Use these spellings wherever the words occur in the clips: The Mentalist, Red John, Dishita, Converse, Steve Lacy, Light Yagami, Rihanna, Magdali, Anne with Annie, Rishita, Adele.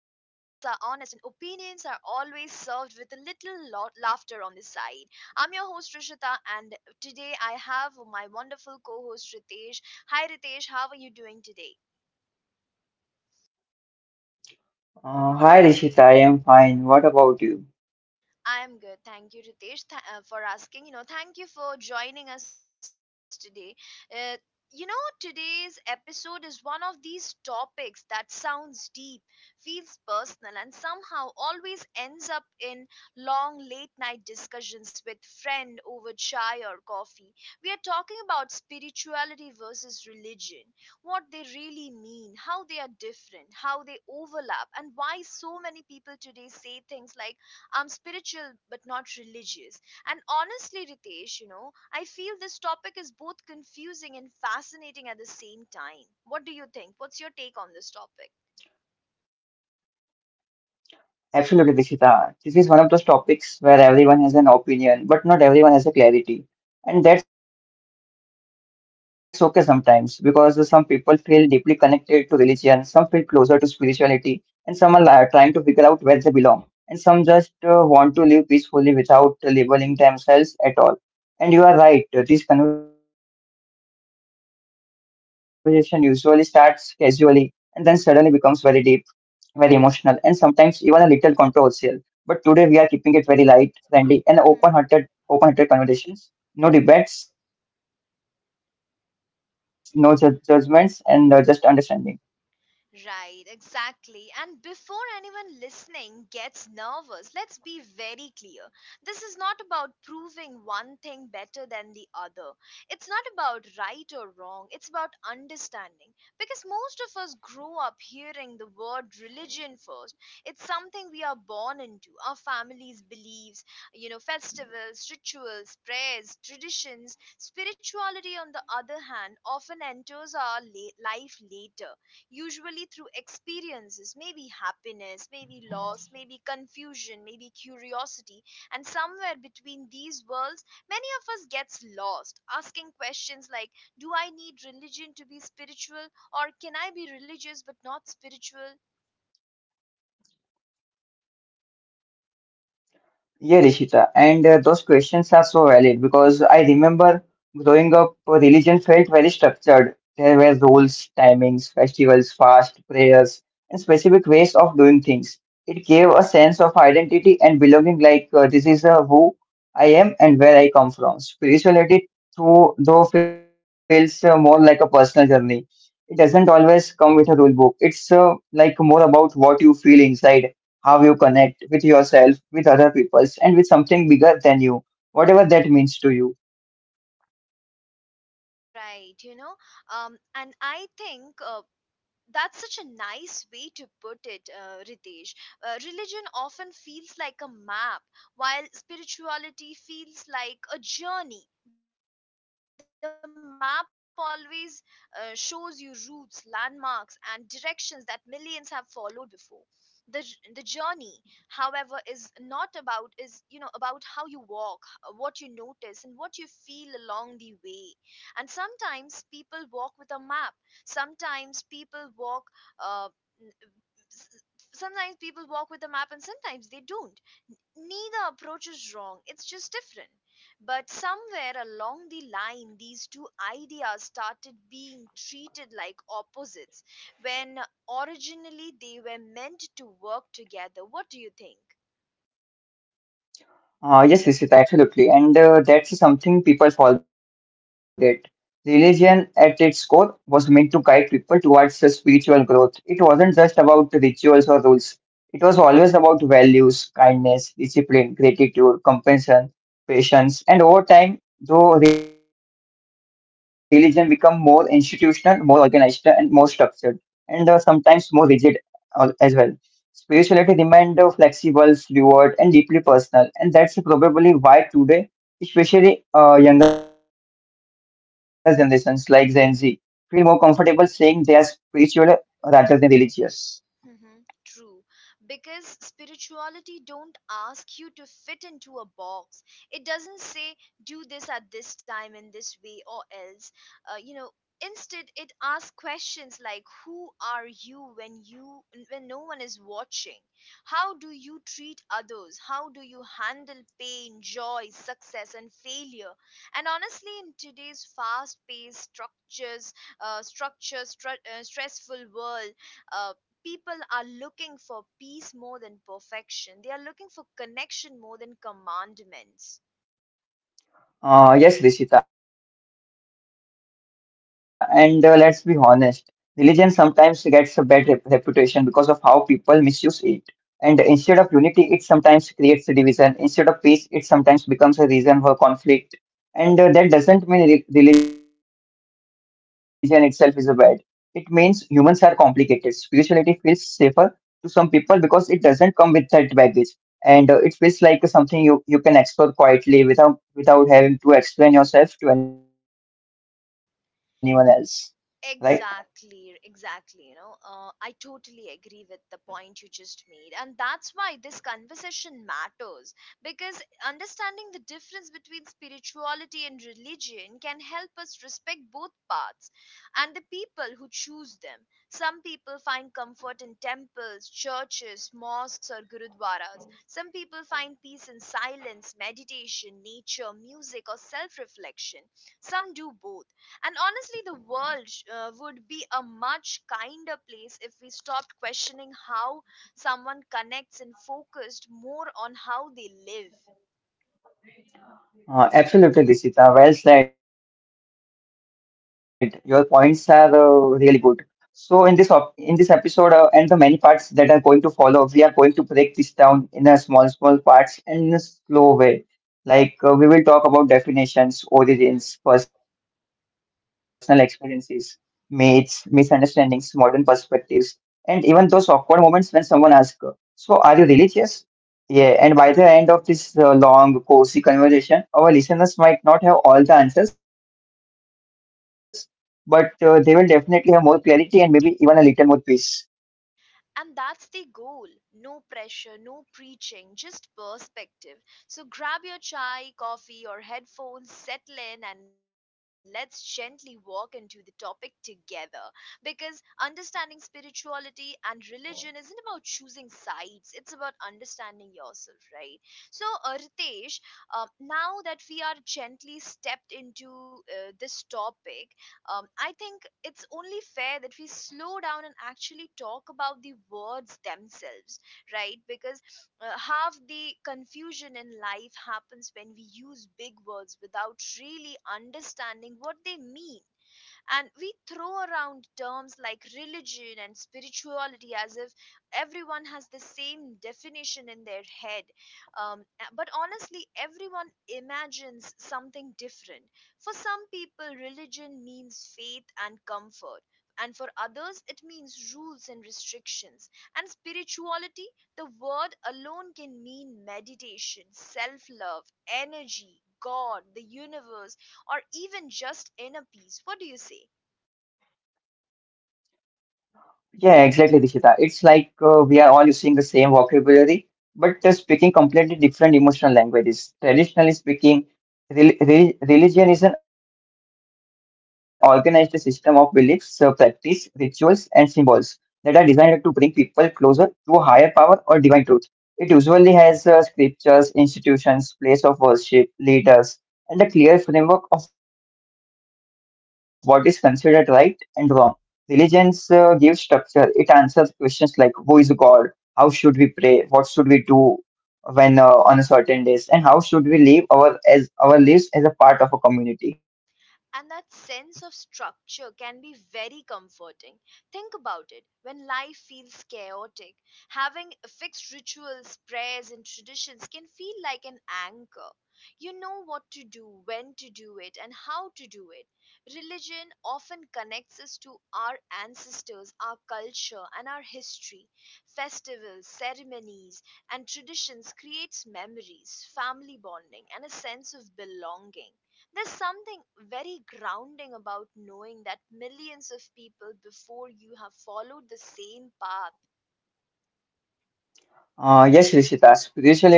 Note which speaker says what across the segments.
Speaker 1: and opinions are always served with a little laughter on the side. I'm your host Rishita, and today I have my wonderful co host Ritesh. Hi Ritesh, how are you doing today?
Speaker 2: Hi Rishita, I am fine. What about you?
Speaker 1: I'm good. Thank you, Ritesh, for asking. You know, thank you for joining us today. Uh, today's episode is one of these topics that sounds deep, feels personal, and somehow always ends up in long late night discussions with friend over chai or coffee. We are talking about spirituality versus religion, what they really mean, how they are different, how they overlap, and why so many people today say things like I'm spiritual but not religious. And honestly, Ritesh, I feel this topic is both confusing and fascinating at the same time. What do you think? What's your take on this topic?
Speaker 2: Absolutely, Rishita. This is one of those topics where everyone has an opinion, but not everyone has a clarity. And that's okay sometimes because some people feel deeply connected to religion, some feel closer to spirituality, and some are trying to figure out where they belong. And some just want to live peacefully without labeling themselves at all. And you are right, this conversation usually starts casually and then suddenly becomes very deep very emotional, and sometimes even a little controversial. But today we are keeping it very light, friendly, and open-hearted, open-hearted conversations. No debates, no judgments, and just understanding.
Speaker 1: Right, exactly. And before anyone listening gets nervous, let's be very clear. This is not about proving one thing better than the other. It's not about right or wrong. It's about understanding. Because most of us grow up hearing the word religion first. It's something we are born into. Our families' beliefs, festivals, rituals, prayers, traditions. Spirituality, on the other hand, often enters our life later, usually through experiences, maybe happiness, maybe loss, maybe confusion, maybe curiosity, and somewhere between these worlds, many of us gets lost, asking questions like do I need religion to be spiritual or can I be religious but not spiritual?
Speaker 2: Yeah, Rishita, and those questions are so valid because I remember growing up, religion felt very structured. There were rules, timings, festivals, fast, prayers, and specific ways of doing things. It gave a sense of identity and belonging, like this is who I am and where I come from. Spirituality, though feels more like a personal journey. It doesn't always come with a rule book. It's like more about what you feel inside how you connect with yourself, with other peoples, and with something bigger than you, whatever that means to you.
Speaker 1: Right, you know, and I think that's such a nice way to put it, Ritesh. Religion often feels like a map, while spirituality feels like a journey. The map always shows you routes, landmarks, and directions that millions have followed before. The, the journey, however, is not about is you know about how you walk, what you notice, and what you feel along the way. And sometimes people walk with a map, sometimes people walk uh, n- s- sometimes people walk with a map and sometimes they don't. Neither approach is wrong, it's just different. But somewhere along the line, these two ideas started being treated like opposites when originally they were meant to work together. What do you think?
Speaker 2: Yes, Rishita, absolutely. And that's something people forget. Religion, at its core, was meant to guide people towards spiritual growth. It wasn't just about rituals or rules, it was always about values, kindness, discipline, gratitude, compassion, patience. And over time, though religion become more institutional, more organized, and more structured, and sometimes more rigid as well. Spirituality remained flexible, fluid, and deeply personal, and that's probably why today, especially younger generations like Gen Z, feel more comfortable saying they are spiritual rather than
Speaker 1: Mhm. True,
Speaker 2: religious.
Speaker 1: because spirituality don't ask you to fit into a box. It doesn't say do this at this time in this way or else. You know, instead it asks questions like who are you when no one is watching? How do you treat others? How do you handle pain, joy, success and failure? And honestly in today's stressful world, uh, people are looking for peace more than perfection. They are looking for connection more than commandments.
Speaker 2: Yes, Rishita, and let's be honest, religion sometimes gets a bad reputation because of how people misuse it. And instead of unity, it sometimes creates a division. Instead of peace, it sometimes becomes a reason for conflict. And that doesn't mean re religion itself is a bad. It means humans are complicated. Spirituality feels safer to some people because it doesn't come with that baggage. And it feels like something you can explore quietly without without having to explain yourself to anyone else. Right?
Speaker 1: Exactly, exactly. I totally agree with the point you just made. And that's why this conversation matters because understanding the difference between spirituality and religion can help us respect both paths and the people who choose them. Some people find comfort in temples, churches, mosques, or gurudwaras. Some people find peace in silence, meditation, nature, music, or self reflection. Some do both and honestly, the world would be a much kinder place if we stopped questioning how someone connects and focused more on how they live.
Speaker 2: Absolutely, Dishita. Well said. Your points are really good. So in this episode and the many parts that are going to follow, we are going to break this down in a small small parts and in a slow way. We will talk
Speaker 1: Hmm.
Speaker 2: about definitions, origins, personal experiences,
Speaker 1: Right.
Speaker 2: myths, misunderstandings, modern perspectives, and even those awkward moments when someone asks, "So are you religious?" Yeah, and by the end of this long, cozy conversation, our listeners might not have all the answers, but they will definitely have more clarity and maybe even a little more peace.
Speaker 1: And that's the goal. No pressure, no preaching, just perspective. So grab your chai, coffee, or headphones, settle in, and let's gently walk into the topic together. Because understanding spirituality and religion isn't about choosing sides, it's about understanding yourself, right? So, Ritesh, now that we are gently stepped into this topic, I think it's only fair that we slow down and actually talk about the words themselves, right? Because half the confusion in life happens when we use big words without really understanding what they mean, and we throw around terms like religion and spirituality as if everyone has the same definition in their head. Um, but honestly everyone imagines something different. For some people religion means faith and comfort, and for others it means rules and restrictions. And spirituality, the word alone can mean meditation, self love, energy, god, the universe, or even just in a piece. What do you say?
Speaker 2: Yeah, exactly, Rishita. It's like we are all using the same vocabulary, but speaking completely different emotional languages. Traditionally speaking, religion is an organized system of beliefs, practice, rituals, and symbols that are designed to bring people closer to a higher power or divine truth. It usually has scriptures, institutions, place of worship, leaders, and a clear framework of what is considered right and wrong. Religions give structure. It answers questions like who is God, how should we pray, what should we do when on a certain days, and how should we live our as our lives as a
Speaker 1: And that
Speaker 2: part of a
Speaker 1: sense of
Speaker 2: community.
Speaker 1: structure can be very comforting. Think about it. When life feels chaotic, having fixed rituals, prayers, and traditions can feel like an anchor. You know what to do, when to do it, and how to do it. Religion often connects us to our ancestors, our culture, and our history. Festivals, ceremonies, and traditions creates memories, family bonding, and a sense of belonging. There's something very grounding about knowing that millions of people before you have followed the same path.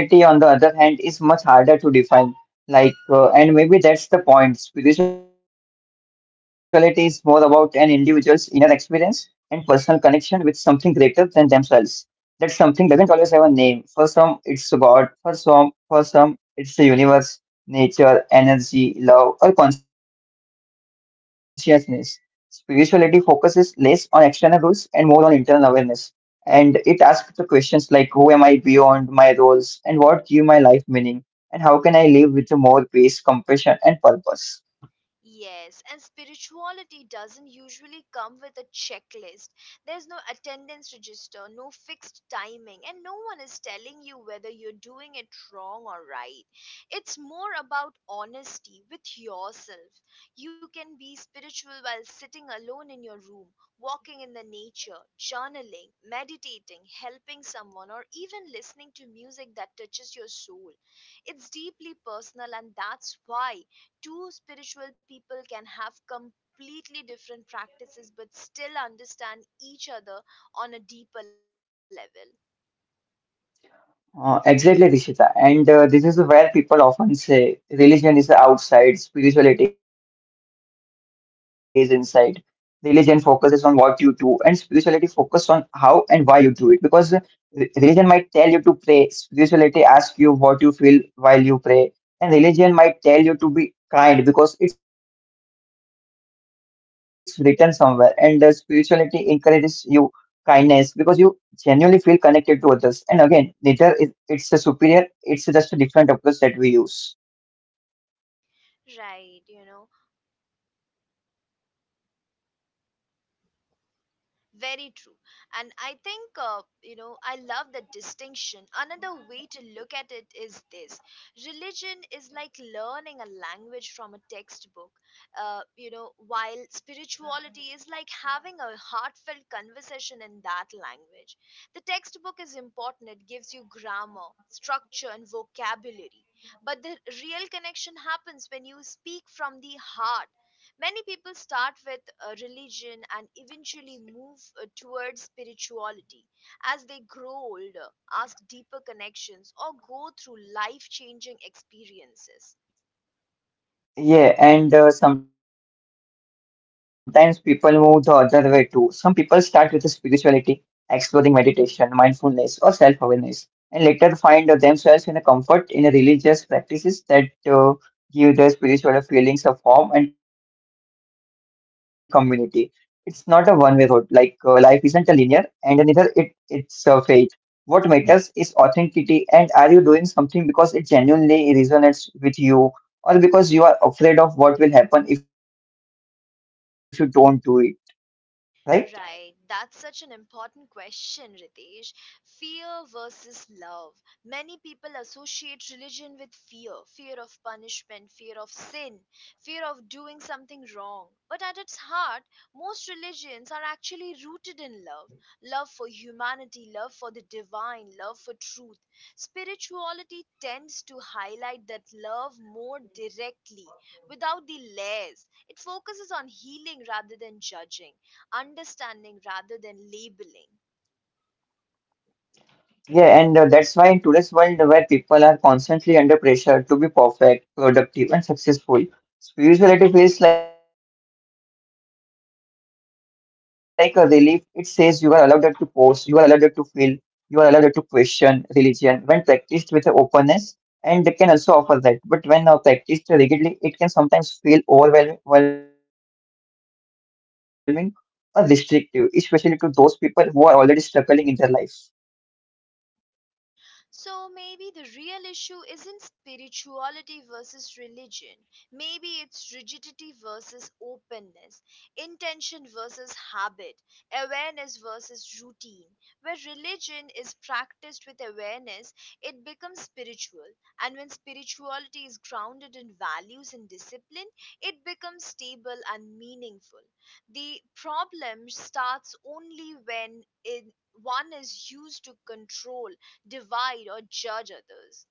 Speaker 2: Yes, Rishita. Spirituality, on the other hand, is much harder to define. And maybe that's the point. Spirituality is more about an individual's inner experience and personal connection with something greater than themselves. That something doesn't always have a name. For some, it's God. For some, it's the universe, nature, energy, love, or consciousness. Spirituality focuses less on external rules and more on internal awareness, and it asked the questions like who am I beyond my roles, and what give my life meaning, and how can I live with more peace, compassion,
Speaker 1: Yes,
Speaker 2: and
Speaker 1: and
Speaker 2: purpose.
Speaker 1: spirituality doesn't usually come with a checklist. There's no attendance register, no fixed timing, and no one is telling you whether you're doing it wrong or right. It's more about honesty with yourself. You can be spiritual while sitting alone in your room, walking in the nature, journaling, meditating, helping someone, or even listening to music that touches your soul. It's deeply personal, and that's why two spiritual people can have completely different practices but still understand each other on a deeper level.
Speaker 2: Exactly, Rishita. And this is where people often say religion is outside, spirituality is inside. Religion focuses on what you do, and spirituality focuses on how and why you do it. Because religion might tell you to pray, spirituality asks you what you feel while you pray, and religion might tell you to be kind because it's written somewhere, and spirituality encourages you kindness because you genuinely feel connected to others. And again, neither is it's a superior, it's just a different approach that we use.
Speaker 1: Right, you know. Very true. And I think, I love the distinction. Another way to look at it is this: religion is like learning a language from a textbook, while spirituality is like having a heartfelt conversation in that language. The textbook is important, it gives you grammar, structure, and vocabulary. But the real connection happens when you speak from the heart. Many people start with religion and eventually move towards spirituality as they grow older, ask deeper connections, or go through life changing experiences.
Speaker 2: Yeah, and sometimes people move the other way too. Some people start with spirituality, exploring meditation, mindfulness, or self awareness, and later find themselves in a comfort in a religious practices that give their spiritual feelings of form and community. It's not a one way road, like life isn't a linear, and neither it's a fate. What matters is authenticity, and are you doing something because it genuinely resonates with you, or because you are afraid of what will happen if you don't do it, right?
Speaker 1: Right, that's such an important question, Ritesh. Fear versus love. Many people associate religion with fear, fear of punishment, fear of sin, fear of doing something wrong. But at its heart, most religions are actually rooted in love, love for humanity, love for the divine, love for truth. Spirituality tends to highlight that love more directly, without the layers. It focuses on healing rather than judging, understanding rather than labeling.
Speaker 2: Yeah, and that's why in today's world where people are constantly under pressure to be perfect, productive, and successful, spirituality feels like a relief. It says you are allowed to pause, you are allowed to feel, you are allowed to question religion when practiced with openness, and they can also offer that. But when practiced rigidly, it can sometimes feel overwhelming or restrictive, especially to those people who are already struggling in their life.
Speaker 1: So maybe the real issue isn't spirituality versus religion. Maybe it's rigidity versus openness, intention versus habit, awareness versus routine. Where religion is practiced with awareness, it becomes spiritual. And when spirituality is grounded in values and discipline, it becomes stable and meaningful. The problem starts only when it one is used to control, divide or judge others.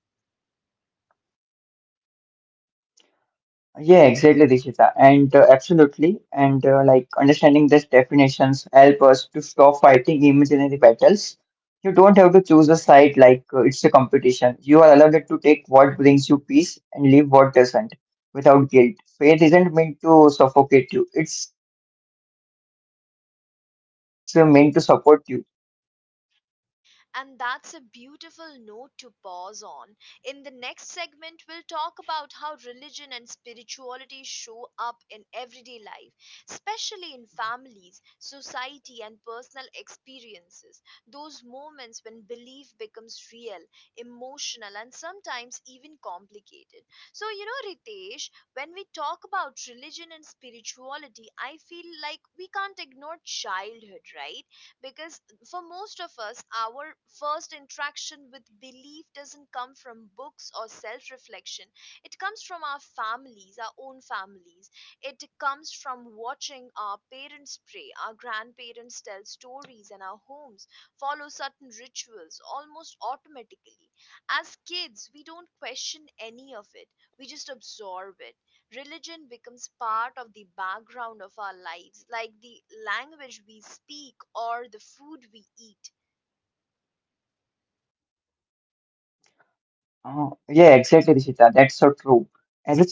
Speaker 2: Yeah, exactly, Rishita. And absolutely. And understanding these definitions help us to stop fighting imaginary battles. You don't have to choose a side like it's a competition. You are allowed to take what brings you peace and leave what doesn't without guilt. Faith isn't meant to suffocate you, it's meant to support you.
Speaker 1: And that's a beautiful note to pause on. In the next segment, we'll talk about how religion and spirituality show up in everyday life, especially in families, society, and personal experiences. Those moments when belief becomes real, emotional, and sometimes even complicated. So, Ritesh, when we talk about religion and spirituality, I feel like we can't ignore childhood, right? Because for most of us, our first interaction with belief doesn't come from books or self reflection. It comes from our families, our own families. It comes from watching our parents pray, our grandparents tell stories, and our homes follow certain rituals almost automatically. As kids, we don't question any of it, we just absorb it. Religion becomes part of the background of our lives, like the language we speak or the food we eat.
Speaker 2: Oh, yeah, exactly, Rishita. That's so true.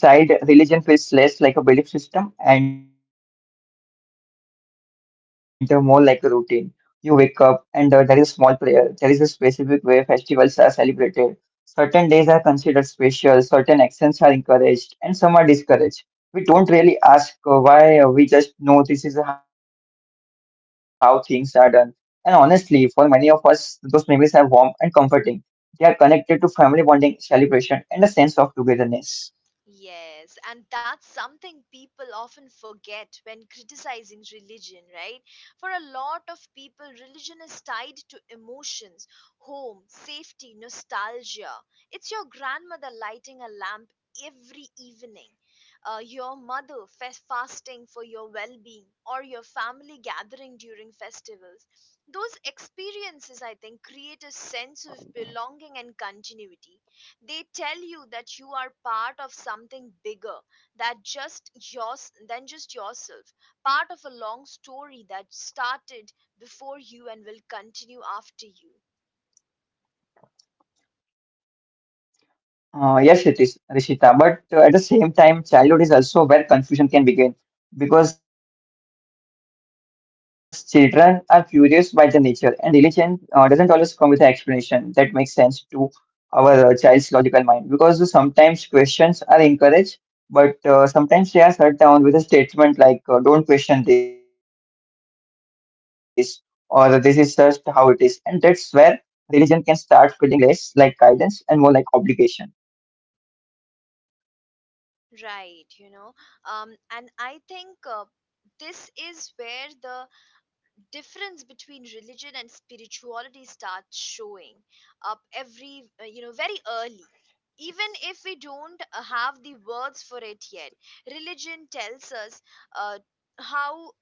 Speaker 2: As a child, religion feels less like a belief system and more like a routine. You wake up and there is a small prayer. There is a specific way festivals are celebrated. Certain days are considered special, certain actions are encouraged, and some are discouraged. We don't really ask why, we just know this is how things are done. And honestly, for many of us, those memories are warm and comforting. They are connected to family bonding, celebration, and a sense of togetherness.
Speaker 1: Yes, and that's something people often forget when criticizing religion, right? For a lot of people, religion is tied to emotions, home, safety, nostalgia. It's your grandmother lighting a lamp every evening, your mother fasting for your well being, or your family gathering during festivals. Those experiences, I think, create a sense of belonging and continuity. They tell you that you are part of something bigger that just yours than just yourself, part of a long story that started before you and will continue after you.
Speaker 2: Yes, it is, Rishita. But at the same time, childhood is also where confusion can begin because children are curious by their nature, and religion doesn't always come with an explanation that makes sense to our child's logical mind because sometimes questions are encouraged, but sometimes they are shut down with a statement like, don't question this, or this is just how it is. And that's where religion can start feeling less like guidance and more like obligation.
Speaker 1: Right, you know, and I think this is where the difference between religion and spirituality starts showing up every very early, even if we don't have the words for it yet. Religion tells us uh, how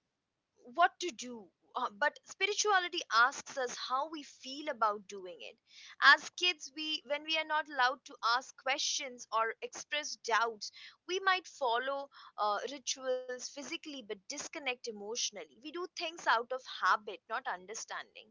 Speaker 1: what to do, but spirituality asks us how we feel about doing it. As kids, we when we are not allowed to ask questions or express doubts, we might follow rituals physically but disconnect emotionally. We do things out of habit, not understanding.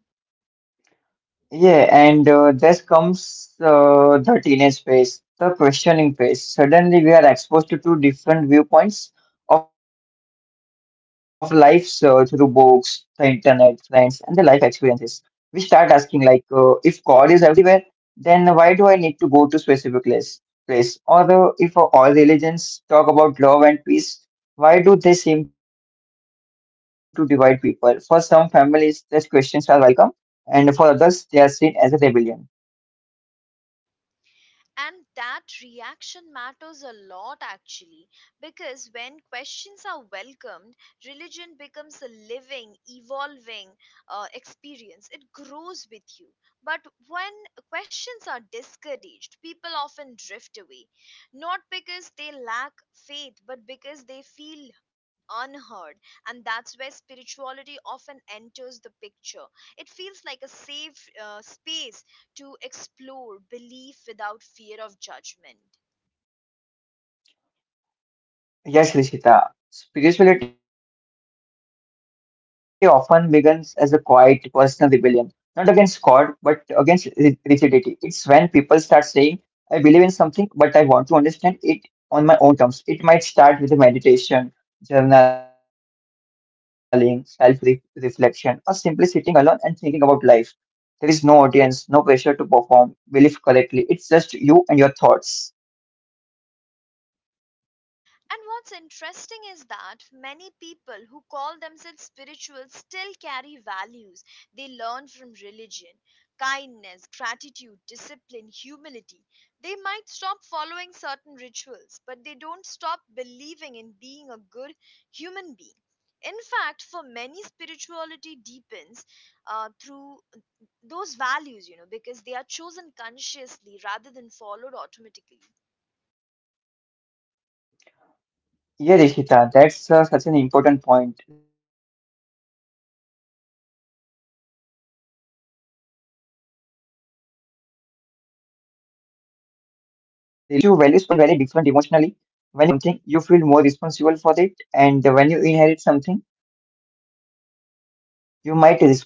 Speaker 2: Yeah, and thus comes the teenage phase, the questioning phase. Suddenly, we are exposed to two different viewpoints of life through books, the internet, friends, and the life experiences. We start asking, if God is everywhere, then why do I need to go to specific place? Or if all religions talk about love and peace, why do they seem to divide people? For some families, these questions are welcome, and for others, they are seen as a rebellion.
Speaker 1: And that reaction matters a lot actually, because when questions are welcomed, religion becomes a living, evolving experience. It grows with you. But when questions are discouraged, people often drift away, not because they lack faith, but because they feel unheard. And that's where spirituality often enters the picture. It feels like a safe space to explore belief without fear of judgment.
Speaker 2: Yes, Rishita, spirituality often begins as a quiet personal rebellion, not against God, but against rigidity. It's when people start saying, I believe in something, but I want to understand it on my own terms. It might start with a meditation, journaling, self reflection, or simply sitting alone and thinking about life. There is no audience, no pressure to perform, believe correctly. It's just you and your thoughts.
Speaker 1: And what's interesting is that many people who call themselves spiritual still carry values they learn from religion: kindness, gratitude, discipline, humility. They might stop following certain rituals, but they don't stop believing in being a good human being. In fact, for many, spirituality deepens through those values because they are chosen consciously rather than followed automatically.
Speaker 2: Yeah, Rishita, that's such an important point. Religion gives you values by inheritance, spirituality gives you values by choice. One isn't better than the other, but they feel very different emotionally. When you choose something, you feel more responsible for it, and when you inherit something, you might respect it, but you might also feel trapped by it.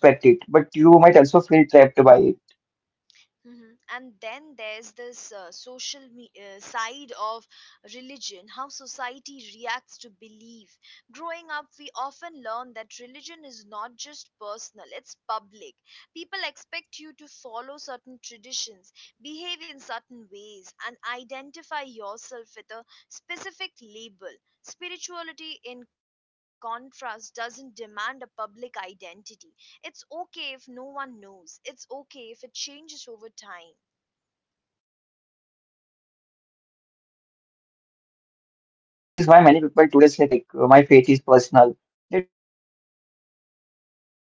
Speaker 1: Mhm. And then there's this side of religion, how society reacts to belief. Growing up, we often learn that religion is not just personal, it's public. People expect you to follow certain traditions, behave in certain ways, and identify yourself with a specific label. Spirituality, in contrast, doesn't demand a public identity. It's okay if no one knows. It's okay if it changes over time.
Speaker 2: Yeah, and which is why many people today say things like, my faith is personal. They don't feel the need to explain or defend it.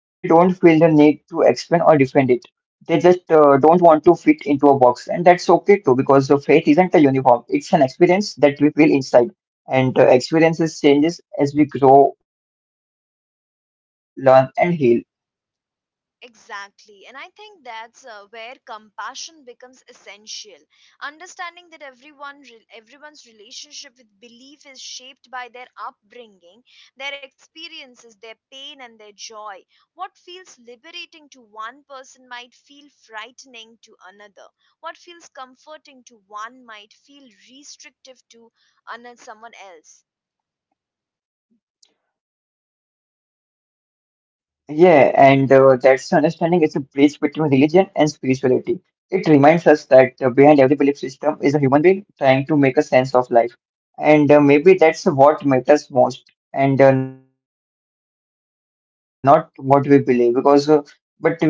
Speaker 2: They just don't want to fit into a box. And that's okay too, because faith isn't a uniform, it's an experience that we feel inside. And experiences changes as we grow, learn, and heal.
Speaker 1: Exactly. And I think that's where compassion becomes essential. Understanding that everyone's relationship with belief is shaped by their upbringing, their experiences, their pain and their joy. What feels liberating to one person might feel frightening to another. What feels comforting to one might feel restrictive to another, someone else.
Speaker 2: Yeah, and that's the understanding is a bridge between religion and spirituality. It reminds us that behind every belief system is a human being trying to make a sense of life. And maybe that's what matters most, and not what we believe, because but we gently we hold our beliefs.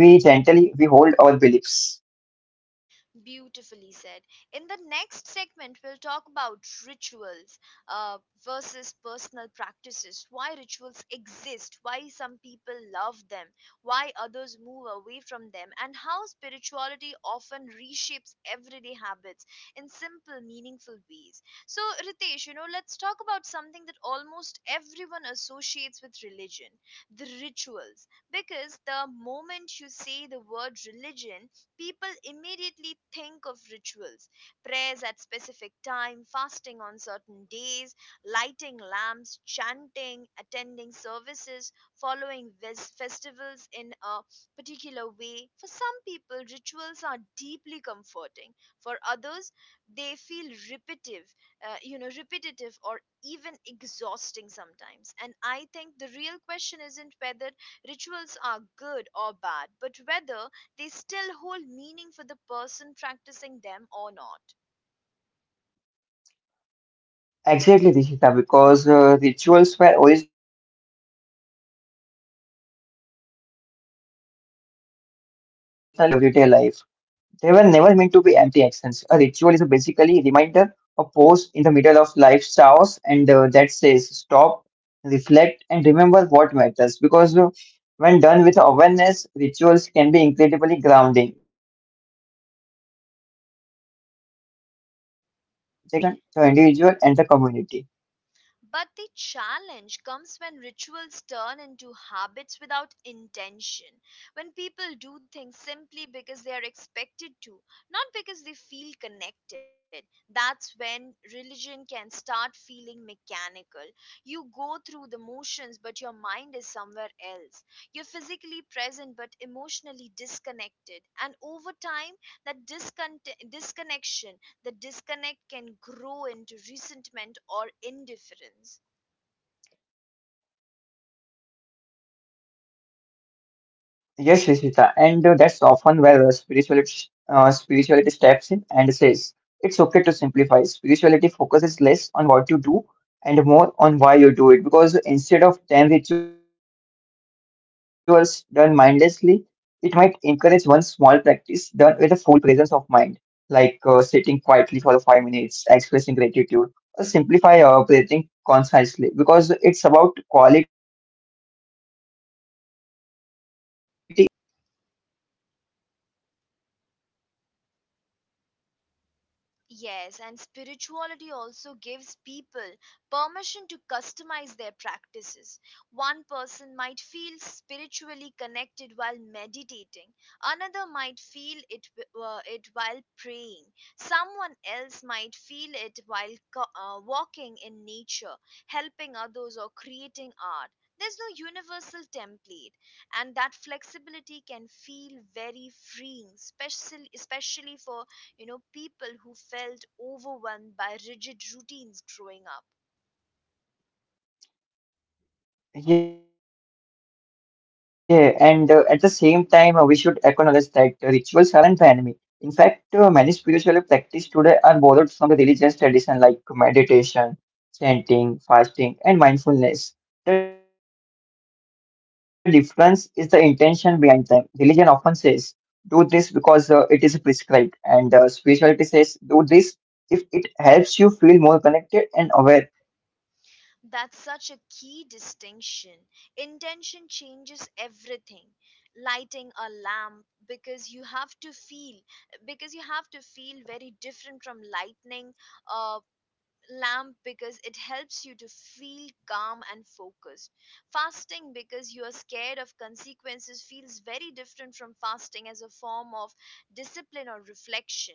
Speaker 1: Beautifully said. In the next segment, we'll talk about rituals uh, versus personal practices, why rituals exist, why some people love them, why others move away from them, and how spirituality often reshapes everyday habits in simple, meaningful ways. So, Ritesh, you know, let's talk about something that almost everyone associates with religion: the rituals. Because the moment you say the word religion, people immediately think of rituals: prayers at specific time, fasting on certain days, lighting lamps, chanting, attending services, festivals in a particular way. For some people rituals are deeply comforting, for others they feel repetitive, repetitive or even exhausting sometimes. And I think the real question isn't whether rituals are good or bad, but whether they still hold meaning for the person practicing them or not.
Speaker 2: Exactly, Rishita, because rituals were originally created to bring structure, discipline, and mindfulness into everyday life. They were never meant to be empty actions. A ritual is basically a reminder, a pause in the middle of life's chaos, and that says stop, reflect, and remember what matters. Because when done with awareness, rituals can be incredibly grounding. They connect the body and the mind, the present moment and the tradition, the individual and the community.
Speaker 1: But the challenge comes when rituals turn into habits without intention, when people do things simply because they are expected to, not because they feel connected. That's when religion can start feeling mechanical. You go through the motions, but your mind is somewhere else. You're physically present, but emotionally disconnected. And over time, that disconnection, the disconnect, can grow into resentment or indifference.
Speaker 2: Yes, Rishita, and that's often where spirituality steps in and says it's okay to simplify. Spirituality focuses less on what you do and more on why you do it, because instead of 10 rituals done mindlessly, it might encourage one small practice done with a full presence of mind, like sitting quietly for the 5 minutes, expressing gratitude, simplify breathing concisely because it's about quality over quantity every time.
Speaker 1: Yes, and spirituality also gives people permission to customize their practices. One person might feel spiritually connected while meditating, another might feel it, it while praying, someone else might feel it while walking in nature, helping others, or creating art. There's no universal template, and that flexibility can feel very freeing, especially, especially for people who felt overwhelmed by rigid routines growing up.
Speaker 2: Yeah, and at the same time, we should acknowledge that rituals aren't the enemy. In fact, many spiritual practices today are borrowed from the religious tradition like meditation, chanting, fasting, and mindfulness. The difference is the intention behind them. Religion often says, do this because it is prescribed, and spirituality says, do this if it helps you feel more connected and aware.
Speaker 1: That's such a key distinction: intention changes everything. Lighting a lamp because you have to feel, because you have to feel, very different from lightning uh, lamp because it helps you to feel calm and focused. Fasting because you are scared of consequences feels very different from fasting as a form of discipline or reflection.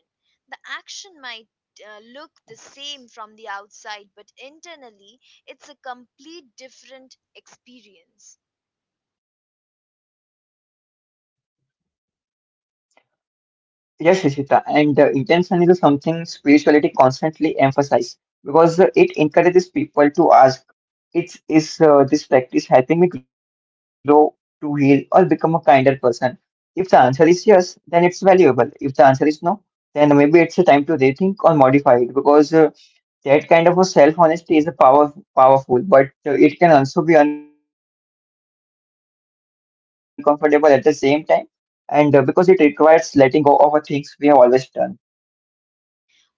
Speaker 1: The action might look the same from the outside, but internally it's a complete different experience.
Speaker 2: Yes, Rishita, and intention is something spirituality constantly emphasize because it encourages people to ask, it is this practice helping me grow, to heal, or become a kinder person? If the answer is yes, then it's valuable. If the answer is no, then maybe it's a time to rethink or modify it because that kind of a self-honesty is a powerful, but it can also be uncomfortable at the same time. And because it requires letting go of the things we have always done.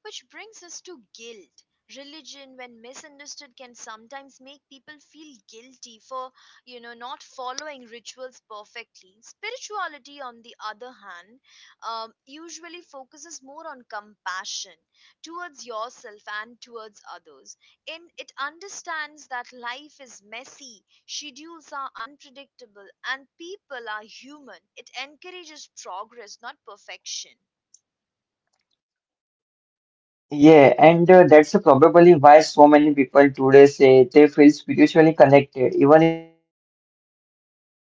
Speaker 1: Which brings us to guilt. Religion, when misunderstood, can sometimes make people feel guilty for, you know, not following rituals perfectly. Spirituality, on the other hand, usually focuses more on compassion towards yourself and towards others. In it understands that life is messy, schedules are unpredictable, and people are human. It encourages progress, not perfection.
Speaker 2: Yeah, and that's probably why so many people today say they feel spiritually connected, even if they don't follow every ritual.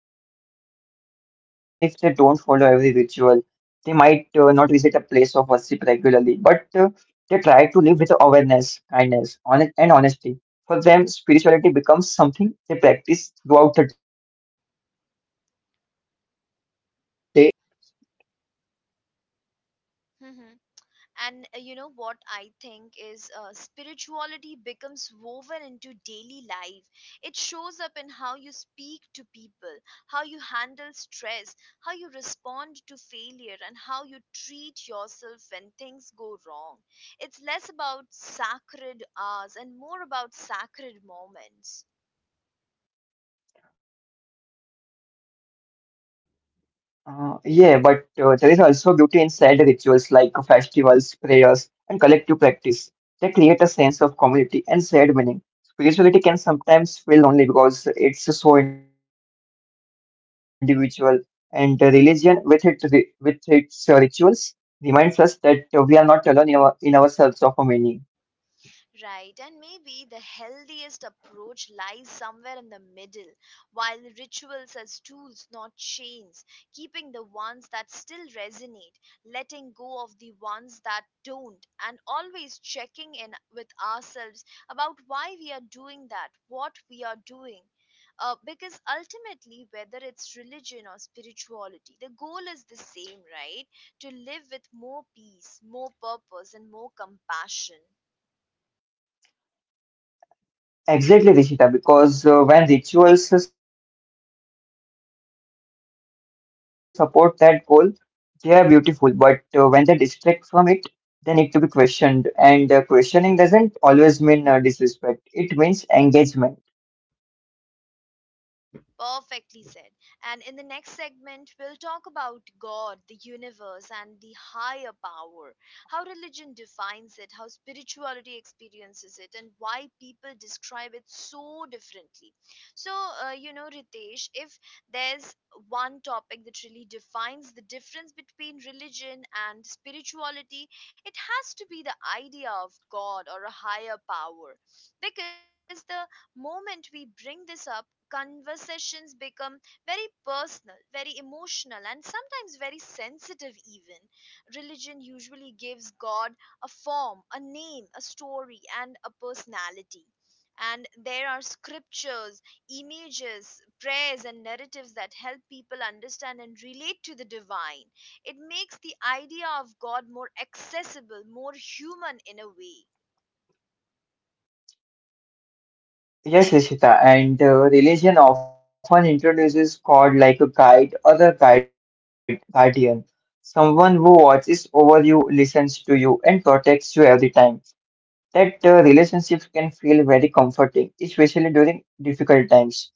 Speaker 2: They might not visit a place of worship regularly, but they try to live with awareness, kindness, honest, and honesty. For them, spirituality becomes something they practice throughout the day, not something reserved for specific times.
Speaker 1: And you know what I think is spirituality becomes woven into daily life. It shows up in how you speak to people, how you handle stress, how you respond to failure, and how you treat yourself when things go wrong. It's less about sacred hours and more about sacred moments.
Speaker 2: Yeah, but there is also beauty in said rituals like festivals, prayers, and collective practice. They create a sense of community and shared meaning. Spirituality can sometimes feel lonely because it's so individual, and the religion, with its rituals, reminds us that we are not alone in our search of a meaning.
Speaker 1: Right, and maybe the healthiest approach lies somewhere in the middle: while rituals as tools, not chains, keeping the ones that still resonate, letting go of the ones that don't, and always checking in with ourselves about why we are doing that, what we are doing. Because ultimately, whether it's religion or spirituality, the goal is the same, right? To live with more peace, more purpose, and more compassion.
Speaker 2: Exactly, Rishita, because when rituals support that goal, they are beautiful, but when they distract from it, they need to be questioned. And questioning doesn't always mean disrespect, it means engagement.
Speaker 1: Perfectly said. And in the next segment, we'll talk about God, the universe, and the higher power, how religion defines it, how spirituality experiences it, and why people describe it so differently. So, Ritesh, if there's one topic that really defines the difference between religion and spirituality, it has to be the idea of God or a higher power. Because the moment we bring this up, conversations become very personal, very emotional, and sometimes very sensitive, even. Religion usually gives God a form, a name, a story, and a personality. And there are scriptures, images, prayers, and narratives that help people understand and relate to the divine. It makes the idea of God more accessible, more human in a way.
Speaker 2: Yes, Rishita, and religion often introduces God like a guide or a guide, guardian, someone who watches over you, listens to you, and protects you every time. That relationship can feel very comforting, especially during difficult times.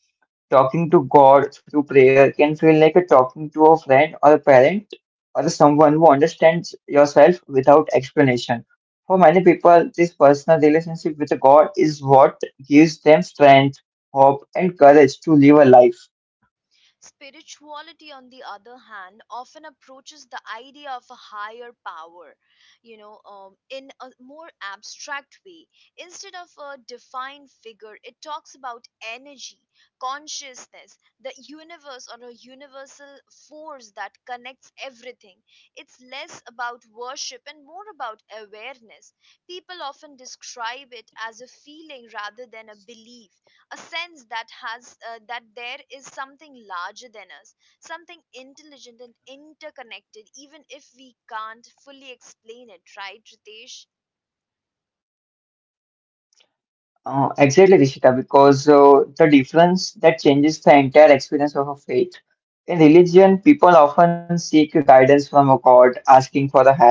Speaker 2: Talking to God through prayer can feel like a talking to a friend or a parent or someone who understands yourself without explanation. For many people, this personal relationship with God is what gives them strength, hope, and courage to live a life.
Speaker 1: Spirituality, on the other hand, often approaches the idea of a higher power, in a more abstract way. Instead of a defined figure, it talks about energy, consciousness, the universe, or a universal force that connects everything. It's less about worship and more about awareness. People often describe it as a feeling rather than a belief, a sense that has that there is something larger than us, something intelligent and interconnected, even if we can't fully explain it, right, Ritesh?
Speaker 2: Exactly, Rishita, because the difference that changes the entire experience of a faith. In religion, people often seek guidance from a God, asking for the help,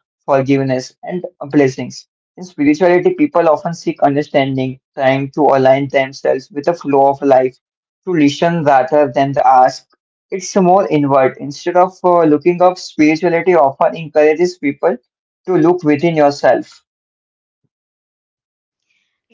Speaker 2: forgiveness, and blessings. In spirituality, people often seek understanding, trying to align themselves with the flow of life, to listen rather than the ask. It's more inward. Instead of looking up, spirituality often encourages people to look within yourself.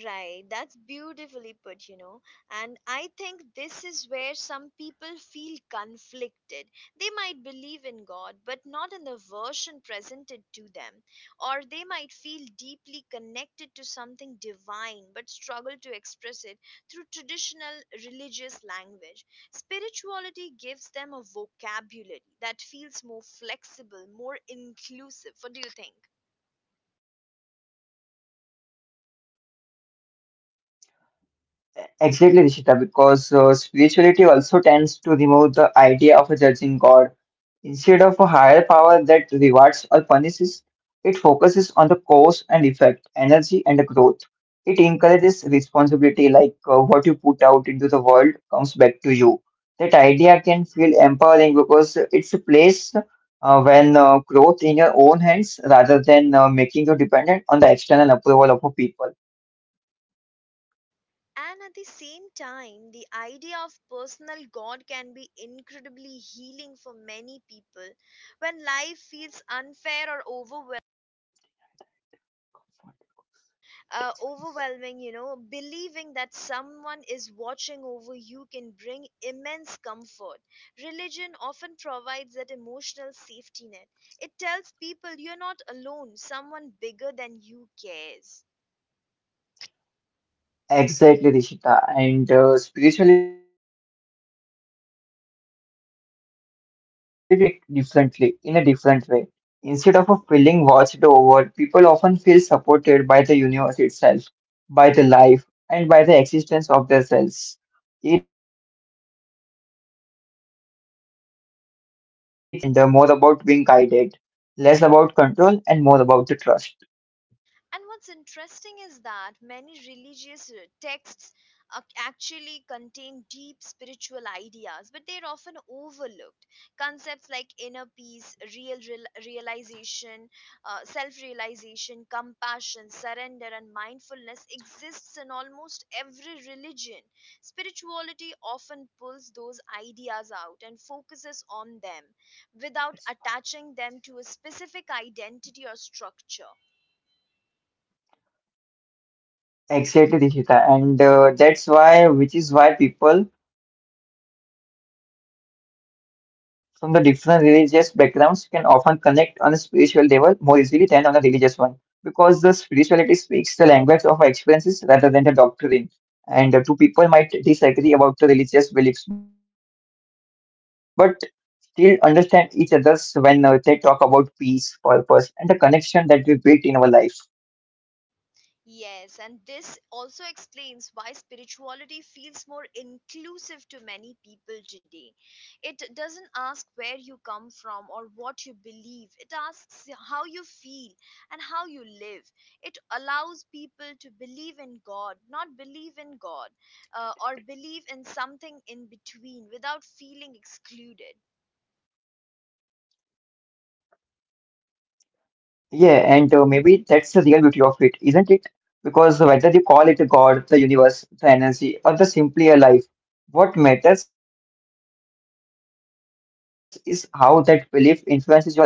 Speaker 1: Right, that's beautifully put, you know. And I think this is where some people feel conflicted. They might believe in God, but not in the version presented to them. Or they might feel deeply connected to something divine, but struggle to express it through traditional religious language. Spirituality gives them a vocabulary that feels more flexible, more inclusive. What do you think?
Speaker 2: Exactly, Rishita, because spirituality also tends to remove the idea of a judging God. Instead of a higher power that rewards or punishes, it focuses on the cause and effect, energy and the growth. It encourages responsibility, like what you put out into the world comes back to you. That idea can feel empowering because it's a place when growth in your own hands rather than making you dependent on the external approval of a people.
Speaker 1: And at the same time, the idea of personal God can be incredibly healing for many people. When life feels unfair or overwhelming, you know, believing that someone is watching over you can bring immense comfort. Religion often provides that emotional safety net. It tells people you're not alone, someone bigger than you cares.
Speaker 2: Exactly, Rishita. And spirituality doesn't deny that comfort. It just experiences it differently, in a different way. Instead of a feeling watched over, people often feel supported by the universe itself, by the life, and by the existence of their selves. It's like it's less about being protected and more about being guided. Less about control and more about the trust.
Speaker 1: And what's interesting is that many religious texts actually contain deep spiritual ideas, but they're often overlooked. Concepts like inner peace, realization, self realization, compassion, surrender, and mindfulness exists in almost every religion. Spirituality often pulls those ideas out and focuses on them without attaching them to a specific identity or structure.
Speaker 2: Exactly, Rishita. And which is why people from the different religious backgrounds can often connect on a spiritual level more easily than on a religious one. Because the spirituality speaks the language of our experiences rather than the doctrine. And two people might disagree about the religious beliefs, but still understand each other's when they talk about peace, purpose, and the connection that we built in our life.
Speaker 1: Yes, and this also explains why spirituality feels more inclusive to many people today. It doesn't ask where you come from or what you believe, it asks how you feel and how you live. It allows people to believe in God, not believe in God, or believe in something in between without feeling excluded.
Speaker 2: Yeah, and maybe that's the real beauty of it, isn't it? Because whether you call it a god, the universe, the energy, or the simply a life, what matters is how that belief influences your actions. Because uh,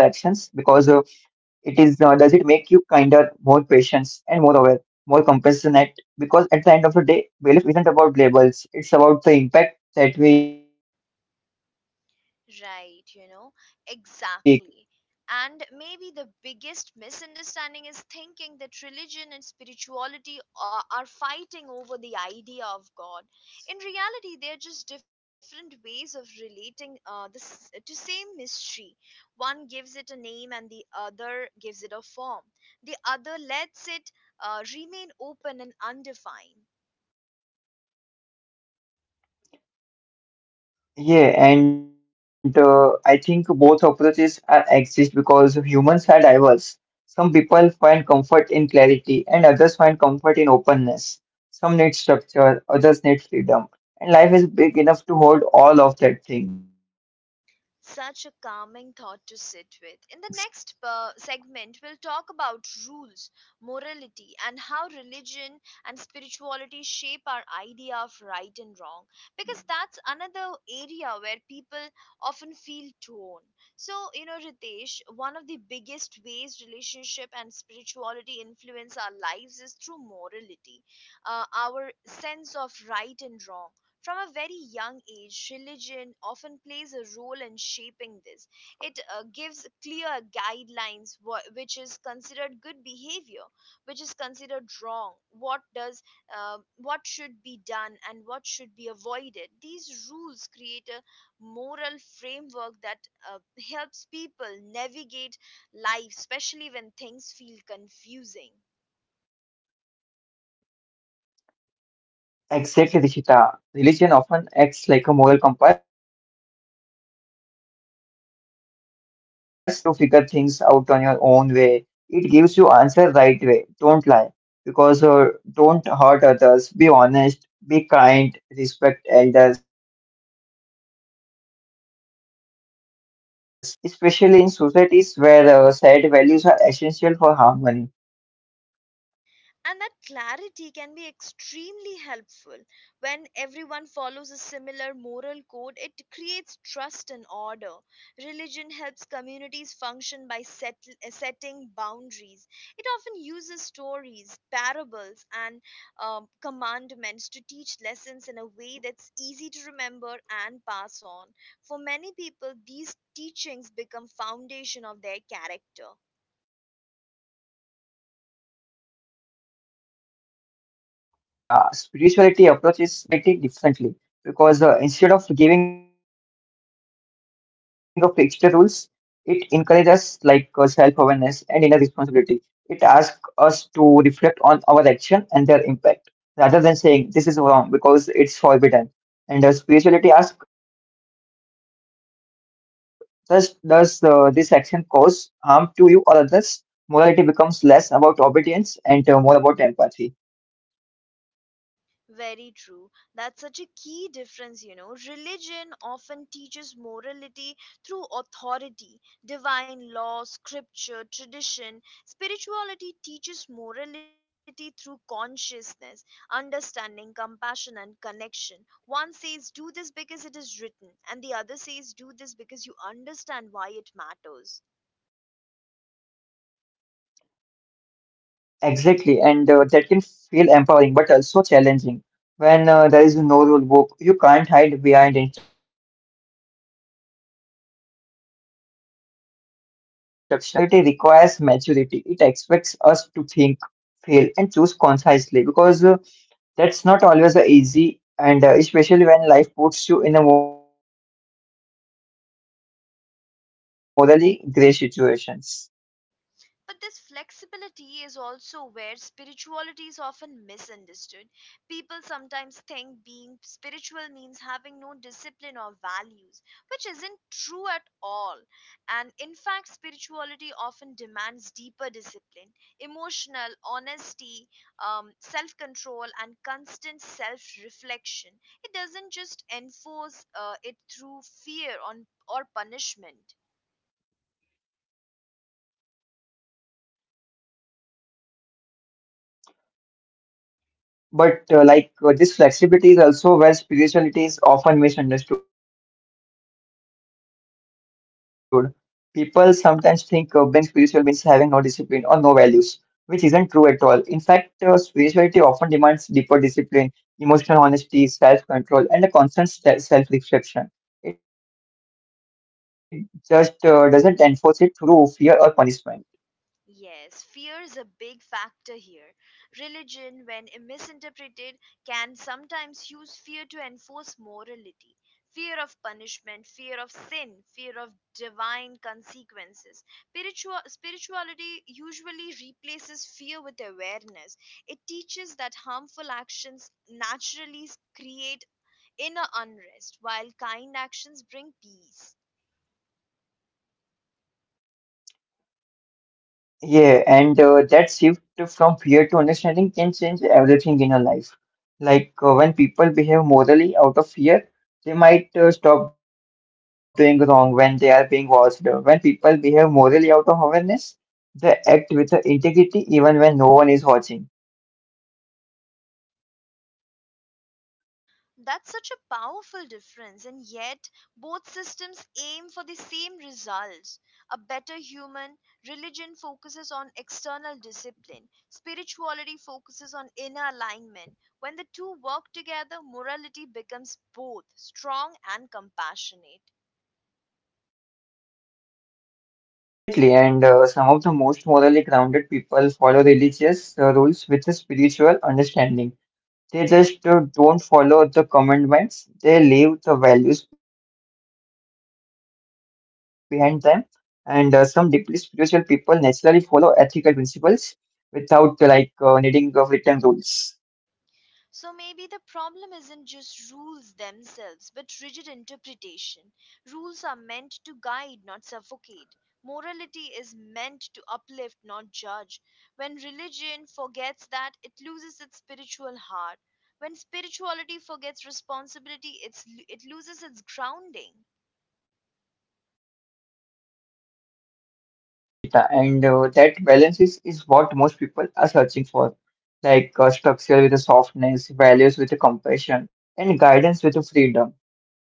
Speaker 2: it is, uh, does it make you kinder, more patient, and more aware, more compassionate? Because at the end of the day, belief isn't about labels; it's about the impact that we create in our life.
Speaker 1: Right, you know, exactly. And maybe the biggest misunderstanding is thinking that religion and spirituality are fighting over the idea of God. In reality, they're just different ways of relating this to same mystery. One gives it a name, and the other gives it a form. The other lets it remain open and undefined.
Speaker 2: Yeah, and I think both approaches are exist because humans are diverse. Some people find comfort in clarity, and others find comfort in openness. Some need structure, others need freedom, and life is big enough to hold all of that things.
Speaker 1: Such a calming thought to sit with. In the next segment, we'll talk about rules, morality, and how religion and spirituality shape our idea of right and wrong. Because that's another area where people often feel torn. So, Ritesh, one of the biggest ways relationship and spirituality influence our lives is through morality, our sense of right and wrong. From a very young age, religion often plays a role in shaping this. It gives clear guidelines, which is considered good behavior, which is considered wrong, what should be done, and what should be avoided. These rules create a moral framework that uh, helps people navigate life, especially when things feel confusing.
Speaker 2: Exactly, Rishita. Religion often acts like a moral compass that's a hand to you early in your life. It doesn't wait for you to figure things out on your own way. It gives you answer right way. Don't lie because don't hurt others. Be honest. Be kind. Respect elders. Help the needy. These rules provide stability and clarity, especially in societies where shared values are essential for harmony.
Speaker 1: And that clarity can be extremely helpful. When everyone follows a similar moral code, it creates trust and order. Religion helps communities function by setting boundaries. It often uses stories, parables, and commandments to teach lessons in a way that's easy to remember and pass on. For many people, these teachings become foundation of their character.
Speaker 2: Exactly, Rishita. Spirituality approaches morality differently because instead of giving a fixed rules, it encourages self-awareness and inner responsibility. It asks us to reflect on our action and their impact rather than saying this is wrong because it's forbidden. And spirituality asks, does this action cause harm to you or others? Morality becomes less about obedience and more about empathy.
Speaker 1: Very true. That's such a key difference, you know. Religion often teaches morality through authority, divine law, scripture, tradition. Spirituality teaches morality through consciousness, understanding, compassion, and connection. One says, "Do this because it is written," and the other says, "Do this because you understand why it matters."
Speaker 2: Exactly, and that can feel empowering but also challenging. When there is no rule book, you can't hide behind instruction. You have to take responsibility for your choices. Spirituality requires maturity. It expects us to think, feel, and choose concisely because that's not always easy, and especially when life puts you in a morally gray situations.
Speaker 1: But this flexibility is also where spirituality is often misunderstood. People sometimes think being spiritual means having no discipline or values, which isn't true at all. And in fact, spirituality often demands deeper discipline, emotional honesty, self control, and constant self reflection. It doesn't just enforce it through fear on, or punishment.
Speaker 2: But like This flexibility is also where spirituality is often misunderstood. People sometimes think being spiritual means having no discipline or no values, which isn't true at all. In fact, spirituality often demands deeper discipline, emotional honesty, self-control, and a self-reflection. It just doesn't enforce it through fear or punishment.
Speaker 1: Yes, fear is a big factor here. Religion, when misinterpreted, can sometimes use fear to enforce morality. Fear of punishment, fear of sin, fear of divine consequences. Spirituality usually replaces fear with awareness. It teaches that harmful actions naturally create inner unrest, while kind actions bring peace.
Speaker 2: Yeah, and that shift from fear to understanding can change everything in our life. Like when people behave morally out of fear, they might stop doing wrong when they are being watched. When people behave morally out of awareness, they act with integrity even when no one is watching.
Speaker 1: That's such a powerful difference, and yet both systems aim for the same results. A better human religion focuses on external discipline, spirituality focuses on inner alignment. When the two work together, morality becomes both strong and compassionate.
Speaker 2: Exactly, and some of the most morally grounded people follow religious rules with a spiritual understanding. They just don't follow the commandments. They leave the values behind them. And some deeply spiritual people naturally follow ethical principles without needing of written rules.
Speaker 1: So maybe the problem isn't just rules themselves, but rigid interpretation. Rules are meant to guide, not suffocate. Morality is meant to uplift, not judge. When religion forgets that, it loses its spiritual heart. When spirituality forgets responsibility, it loses its grounding.
Speaker 2: Exactly, Rishita. And that balance is what most people are searching for, like structure with a softness, values with a compassion, and guidance with a freedom.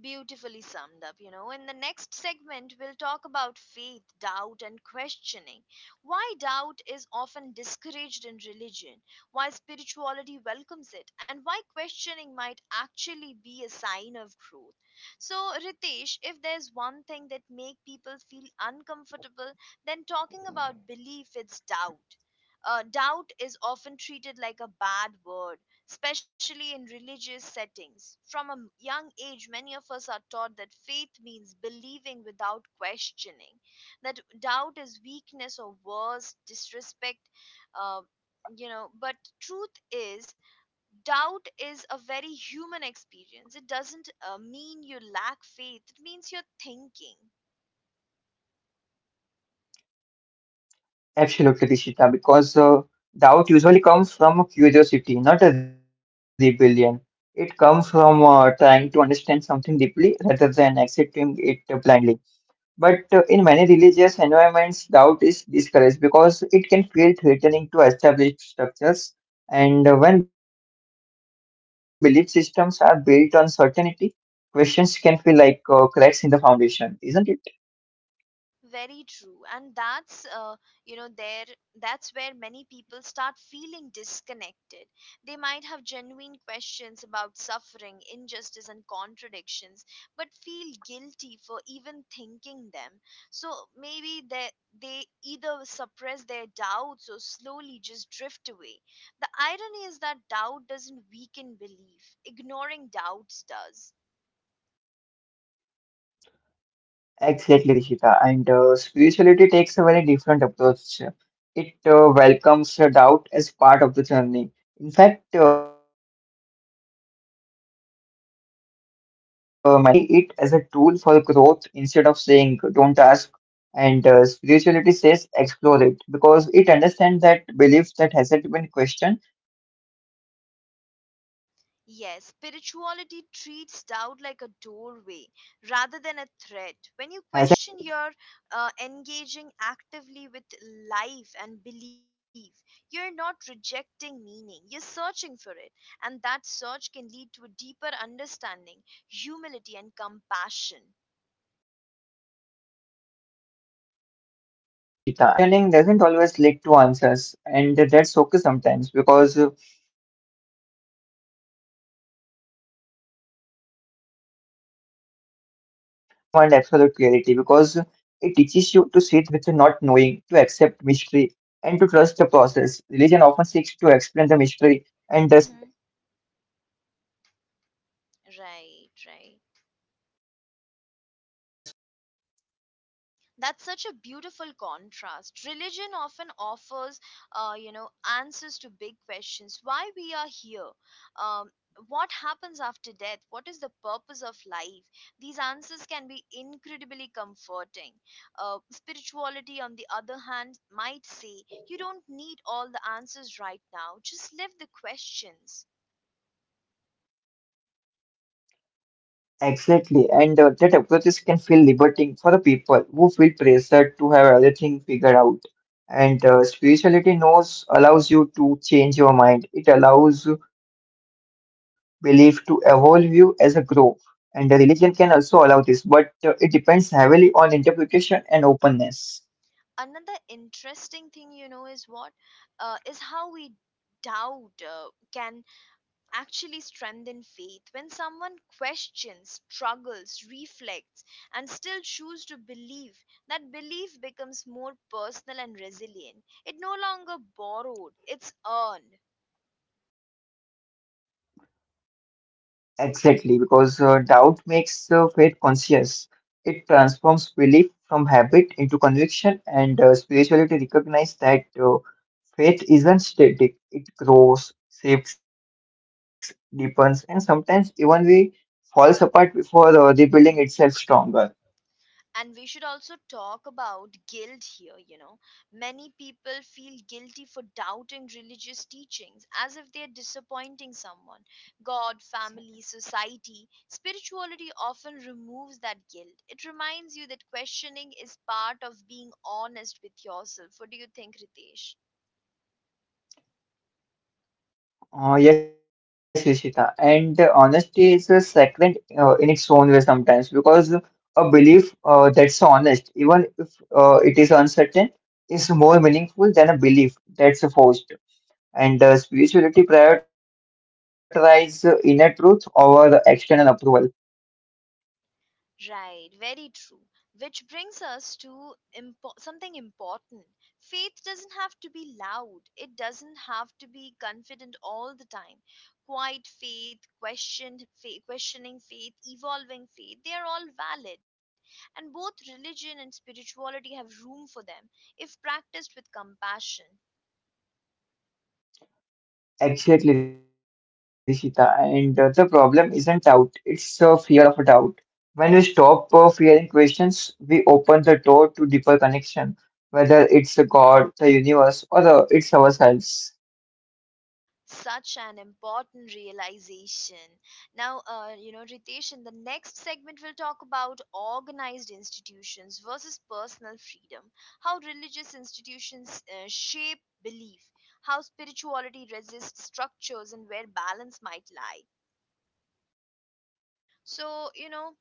Speaker 1: Beautifully summed up. In the next segment, we'll talk about faith, doubt, and questioning. Why doubt is often discouraged in religion, why spirituality welcomes it, and why questioning might actually be a sign of growth. So, Ritesh, if there's one thing that makes people feel uncomfortable, then talking about belief, it's doubt. Doubt is often treated like a bad word especially in religious settings. From a young age, many of us are taught that faith means believing without questioning, that doubt is weakness or worse, disrespect. Uh, but truth is, doubt is a very human experience. It doesn't mean you lack faith, it means you're thinking.
Speaker 2: Absolutely, Rishita, because doubt usually comes from a curiosity, not a rebellion. It comes from trying to understand something deeply rather than accepting it blindly. But in many religious environments, doubt is discouraged because it can feel threatening to established structures. And when belief systems are built on certainty, questions can feel like cracks in the foundation, isn't it?
Speaker 1: Very true, and that's you know there that's where many people start feeling disconnected. They might have genuine questions about suffering, injustice and contradictions, but feel guilty for even thinking them. So maybe they either suppress their doubts or slowly just drift away. The irony is that doubt doesn't weaken belief, ignoring doubts does.
Speaker 2: Exactly, Rishita. And spirituality takes a very different approach. It welcomes doubt as part of the journey. In fact, many spiritual paths encourage it questioning because they see it as a tool for growth instead of saying, don't ask. And spirituality says, explore it because it understands that belief that hasn't been questioned hasn't truly been
Speaker 1: Yes,
Speaker 2: owned.
Speaker 1: spirituality treats doubt like a doorway rather than a threat. When you question, you're engaging actively with life and belief. You're not rejecting meaning, you're searching for it. And that search can lead to a deeper understanding, humility, and compassion.
Speaker 2: Exactly, Rishita. And questioning doesn't always lead to answers, and that's okay sometimes because spirituality is comfortable with uncertainty and it doesn't demand absolute clarity because it teaches you to sit with not knowing, to accept mystery, and to trust the process. Religion often seeks to explain the mystery,
Speaker 1: Mhm.
Speaker 2: and the spirituality often embraces it.
Speaker 1: Right, right. That's such a beautiful contrast. Religion often offers, uh, you know, answers to big questions: why we are here, um, what happens after death, what is the purpose of life. These answers can be incredibly comforting. Spirituality, on the other hand, might say you don't need all the answers right now. Just live the questions.
Speaker 2: Exactly, and that approaches can feel liberating for the people who feel pressured to have everything figured out. And spirituality knows allows you to change your mind. It allows belief to evolve you as a grow. And religion can also allow this, but it depends heavily on interpretation and openness.
Speaker 1: Another interesting thing, is what is how we doubt can actually strengthen faith when someone questions, struggles, reflects, and still chooses to believe. That belief becomes more personal and resilient. It no longer borrowed, it's earned.
Speaker 2: Exactly, because doubt makes faith conscious. It transforms belief from habit into conviction, and spirituality recognizes that faith isn't static. It grows, shifts, deepens, and sometimes even we falls apart before rebuilding itself stronger.
Speaker 1: And we should also talk about guilt here. Many people feel guilty for doubting religious teachings as if they're disappointing someone, god, family, society. Spirituality often removes that guilt. It reminds you that questioning is part of being honest with yourself. What do you think, Ritesh?
Speaker 2: Yes, Rishita. And honesty is a sacred in its own way sometimes because a belief that's honest, even if it is uncertain, is more meaningful than a belief that's forced. And spirituality prioritizes inner truth over external approval.
Speaker 1: Right, very true. Which brings us to something important. Faith doesn't have to be loud, it doesn't have to be confident all the time. Quiet faith, questioned faith, questioning faith, evolving faith, they are all valid. And both religion and spirituality have room for them if practiced with compassion.
Speaker 2: Exactly, Rishita. And the problem isn't doubt, it's fear of doubt. When we stop fearing questions, we open the door to deeper connection, whether it's a God, the universe, or it's ourselves.
Speaker 1: Such an important realization. Now, Ritesh, in the next segment, we'll talk about organized institutions versus personal freedom, how religious institutions shape belief, how spirituality resists structures, and where balance might lie. So, you know,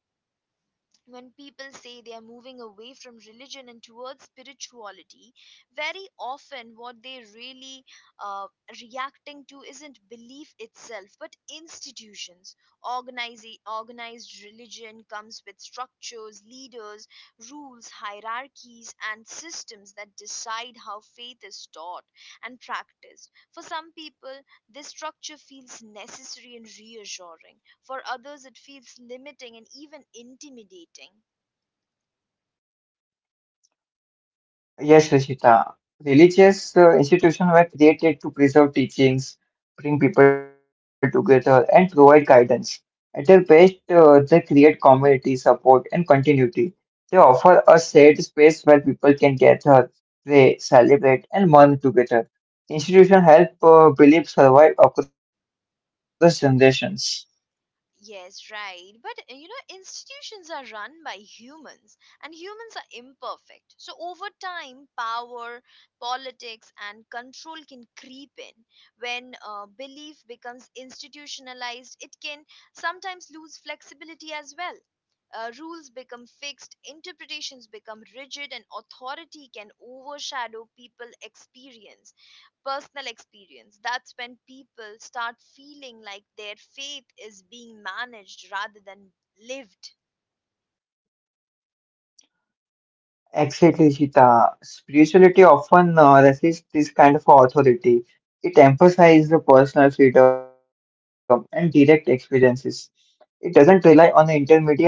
Speaker 1: when people say they are moving away from religion and towards spirituality, very often what they really uh, reacting to isn't belief itself, but institutions. Organize, Organized religion comes with structures, leaders, rules, hierarchies, and systems that decide how faith is taught and practiced. For some people, this structure feels necessary and reassuring. For others, it feels limiting and even intimidating.
Speaker 2: Yes, Rishita. Religious institutions were created to preserve teachings, bring people together, and provide guidance. At their best, they create community support and continuity. They offer a shared space where people can gather, pray, celebrate, and mourn together. Institutions help beliefs survive across generations.
Speaker 1: Yes, right. But you know, institutions are run by humans and humans are imperfect. So over time, power, politics, and control can creep in. When belief becomes institutionalized, it can sometimes lose flexibility as well. Rules become fixed, interpretations become rigid, and authority can overshadow people experience personal experience. That's when people start feeling like their faith is being managed rather than lived.
Speaker 2: Exactly, Sita. Spirituality often resists this kind of authority. It emphasizes the personal freedom and direct experiences. It doesn't rely on the intermediary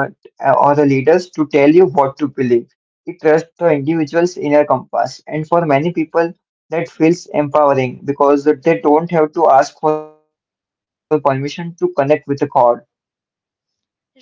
Speaker 2: or the leaders to tell you what to believe. It trusts the individual's inner compass. And for many people, that feels empowering because they don't have to ask for permission to connect with the God.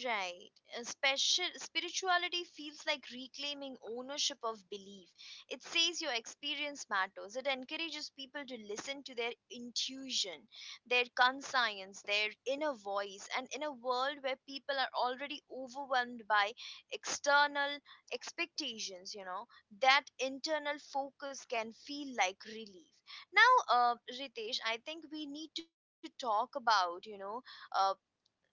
Speaker 1: Right. Special spirituality feels like reclaiming ownership of belief. It says your experience matters. It encourages people to listen to their intuition, their conscience, their inner voice. And in a world where people are already overwhelmed by external expectations, you know, that internal focus can feel like relief. Now, Ritesh, I think we need to talk about, you know, uh,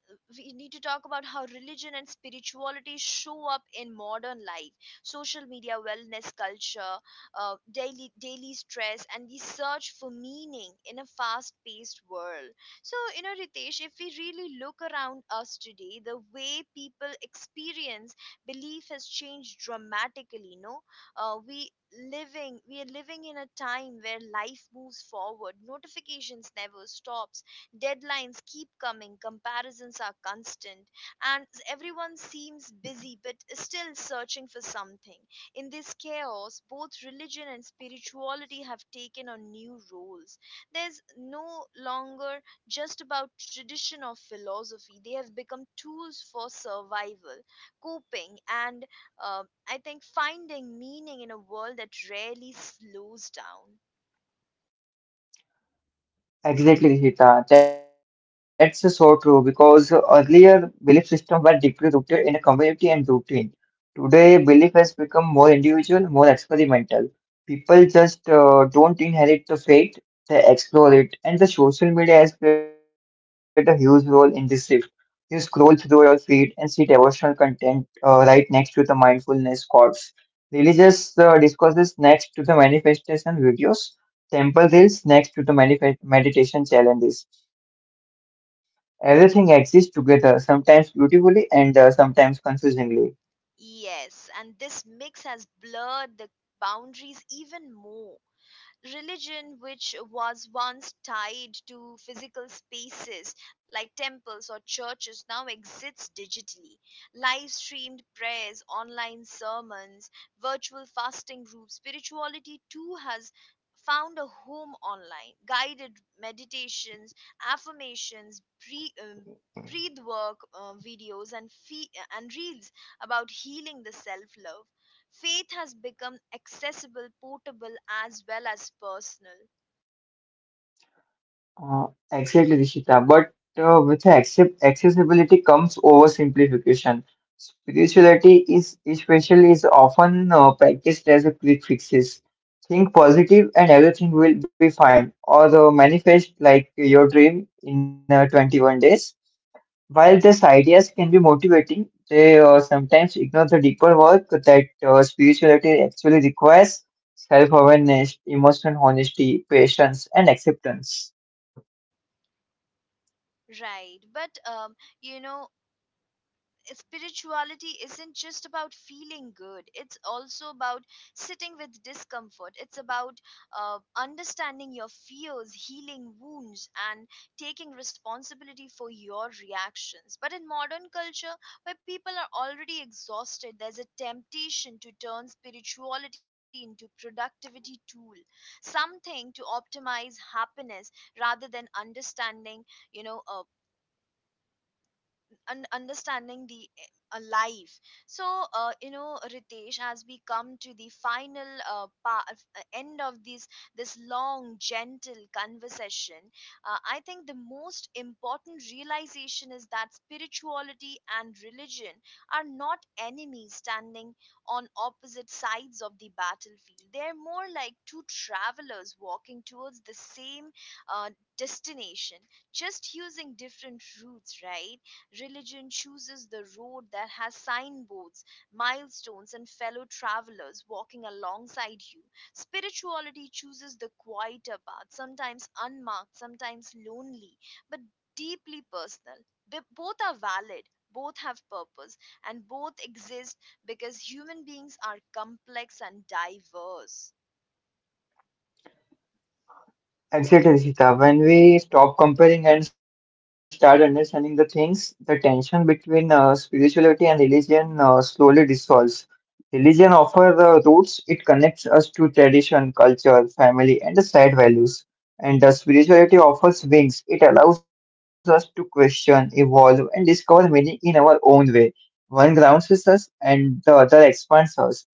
Speaker 1: we need to talk about how religion and spirituality show up in modern life, social media, wellness culture, daily stress and the search for meaning in a fast paced world. So you know, Ritesh, if we really look around us today, the way people experience belief has changed dramatically. No, uh, we we are living in a time where life moves forward, notifications never stops. Deadlines keep coming, comparisons are constant, and everyone seems busy but still searching for something. In this chaos, both religion and spirituality have taken on new roles. There's no longer just about tradition or philosophy, they have become tools for survival, coping, and I think finding meaning in a world that rarely slows down.
Speaker 2: Exactly, Hita. That's so true because earlier belief systems were deeply rooted in a community and routine. Today, belief has become more individual, more experimental. People just don't inherit the faith, they explore it. And the social media has played a huge role in this shift. You scroll through your feed and see devotional content right next to the mindfulness quotes. Religious discourses next to the manifestation videos. Temple is next to the meditation challenges. Everything exists together, sometimes beautifully and sometimes confusingly.
Speaker 1: Yes, and this mix has blurred the boundaries even more. Religion, which was once tied to physical spaces like temples or churches, now exists digitally. Live streamed prayers, online sermons, virtual fasting groups, spirituality too has found a home online. Guided meditations, affirmations, pre, um, breath work videos, and reels about healing, the self love, faith has become accessible, portable as well as personal.
Speaker 2: Exactly, Rishita. But with accessibility comes oversimplification. Spirituality is especially is often practiced as a quick fixes. Think positive and everything will be fine. Or manifest like your dream in 21 days. While these ideas can be motivating, they sometimes ignore the deeper work that spirituality actually requires self awareness, emotional honesty, patience, and acceptance.
Speaker 1: Right, but you know spirituality isn't just about feeling good, it's also about sitting with discomfort. It's about understanding your fears, healing wounds and taking responsibility for your reactions. But in modern culture where people are already exhausted, there's a temptation to turn spirituality into productivity tool, something to optimize happiness rather than understanding, you know uh, and understanding the life. So Ritesh, as we come to the final end of this long gentle conversation, I think the most important realization is that spirituality and religion are not enemies standing on opposite sides of the battlefield. They're more like two travelers walking towards the same uh, destination, just using different routes, right? Religion chooses the road that has signboards, milestones, and fellow travelers walking alongside you. Spirituality chooses the quieter path, sometimes unmarked, sometimes lonely, but deeply personal. They both are valid, both have purpose, and both exist because human beings are complex and diverse.
Speaker 2: Exactly, Rishita. When we stop comparing and start understanding the things, the tension between spirituality and religion slowly dissolves. Religion offers the roots, it connects us to tradition, culture, family, and the shared values. And spirituality offers wings, it allows us to question, evolve, and discover meaning in our own way. One grounds us and the other expands us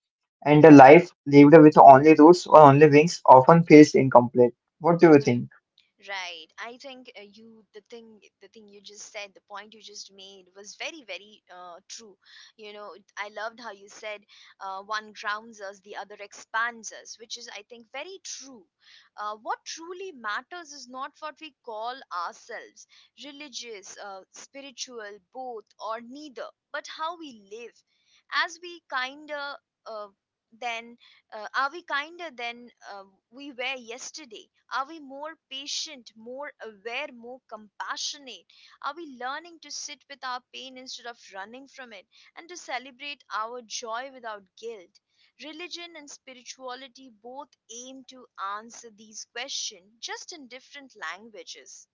Speaker 2: and a life lived with only roots or only wings often feels incomplete. What do you think?
Speaker 1: Right. I think you the thing you just said, the point you just made was very very true. You know, I loved how you said one grounds us, the other expands us, which is I think very true. What truly matters is not what we call ourselves, religious, spiritual, both or neither, but how we live. As we kinder uh, then Are we kinder than we were yesterday? Are we more patient, more aware, more compassionate? Are we learning to sit with our pain instead of running from it and to celebrate our joy without guilt? Religion and spirituality both aim to answer these questions just in different languages.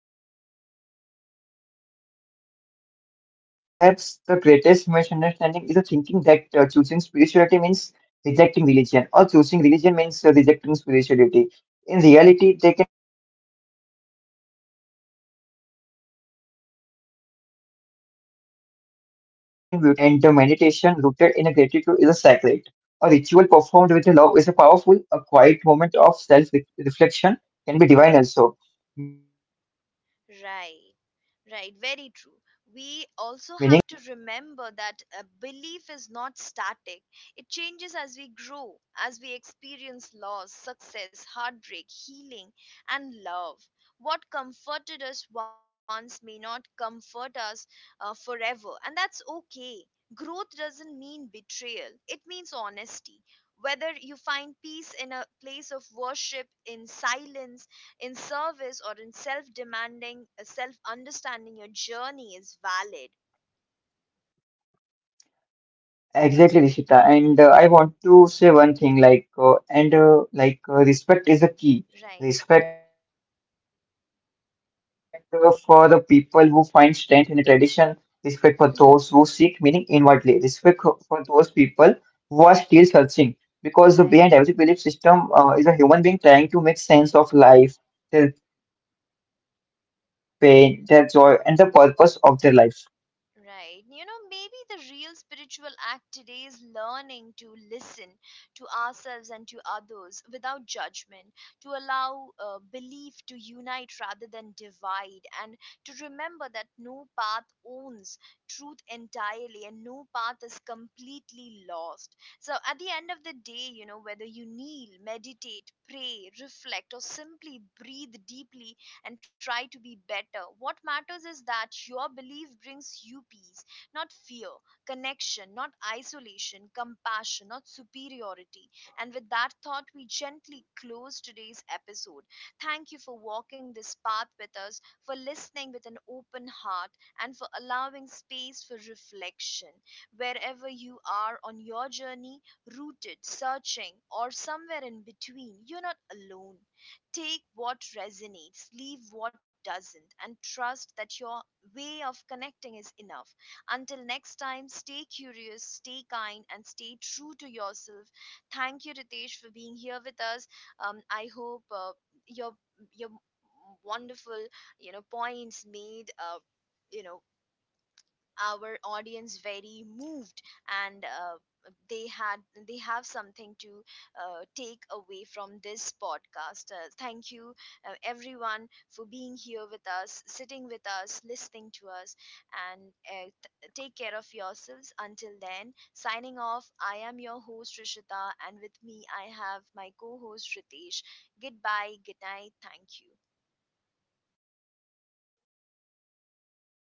Speaker 2: Yeah, exactly, Rishita. And perhaps the greatest misunderstanding is the thinking that choosing spirituality means rejecting religion, or choosing religion means rejecting spirituality. In reality, they can beautifully coexist. A prayer done with awareness is spiritual, and a meditation rooted in a gratitude is a sacred. A ritual performed with a love is a powerful. A quiet moment of self-reflection can be divine also. Meaning doesn't come from labels, it comes
Speaker 1: Right,
Speaker 2: from an
Speaker 1: right,
Speaker 2: intention.
Speaker 1: very true. We also have to remember that a belief is not static. It changes as we grow, as we experience loss, success, heartbreak, healing, and love. What comforted us once may not comfort us forever, and that's okay. Growth doesn't mean betrayal, it means honesty. Whether you find peace in a place of worship, in silence, in service or in self understanding, your journey is valid.
Speaker 2: Exactly, Rishita. And I want to say one thing like, and like, respect is a key.
Speaker 1: Right.
Speaker 2: Respect for the people who find strength in a tradition, respect for those who seek meaning
Speaker 1: Mhm.
Speaker 2: inwardly, respect for those people who are still searching. Because behind every belief
Speaker 1: Right.
Speaker 2: system is a human being trying to make sense of life, their pain, their joy, and the purpose of their life.
Speaker 1: Right. You know, maybe the real spiritual act today is learning to listen to ourselves and to others without judgment, to allow belief to unite rather than divide, and to remember that no path owns truth entirely and no path is completely lost. So, at the end of the day, you know, whether you kneel, meditate, pray, reflect, or simply breathe deeply, and try to be better. What matters is that your belief brings you peace, not fear, connection, not isolation, compassion, not superiority. And with that thought, we gently close today's episode. Thank you for walking this path with us, for listening with an open heart, and for allowing space for reflection. Wherever you are on your journey, rooted, searching, or somewhere in between, you're not alone. Take what resonates, leave what doesn't, and trust that your way of connecting is enough. Until next time, stay curious, stay kind, and stay true to yourself. Thank you, Ritesh, for being here with us. I hope your your wonderful points made you know our audience very moved, and they had they have something to take away from this podcast. Uh, thank you everyone for being here with us, sitting with us, listening to us, and take care of yourselves. Until then, signing off, I am your host Rishita and with me I have my co-host Ritesh. Goodbye, good night, thank you.
Speaker 2: Exactly, Rishita. It was nice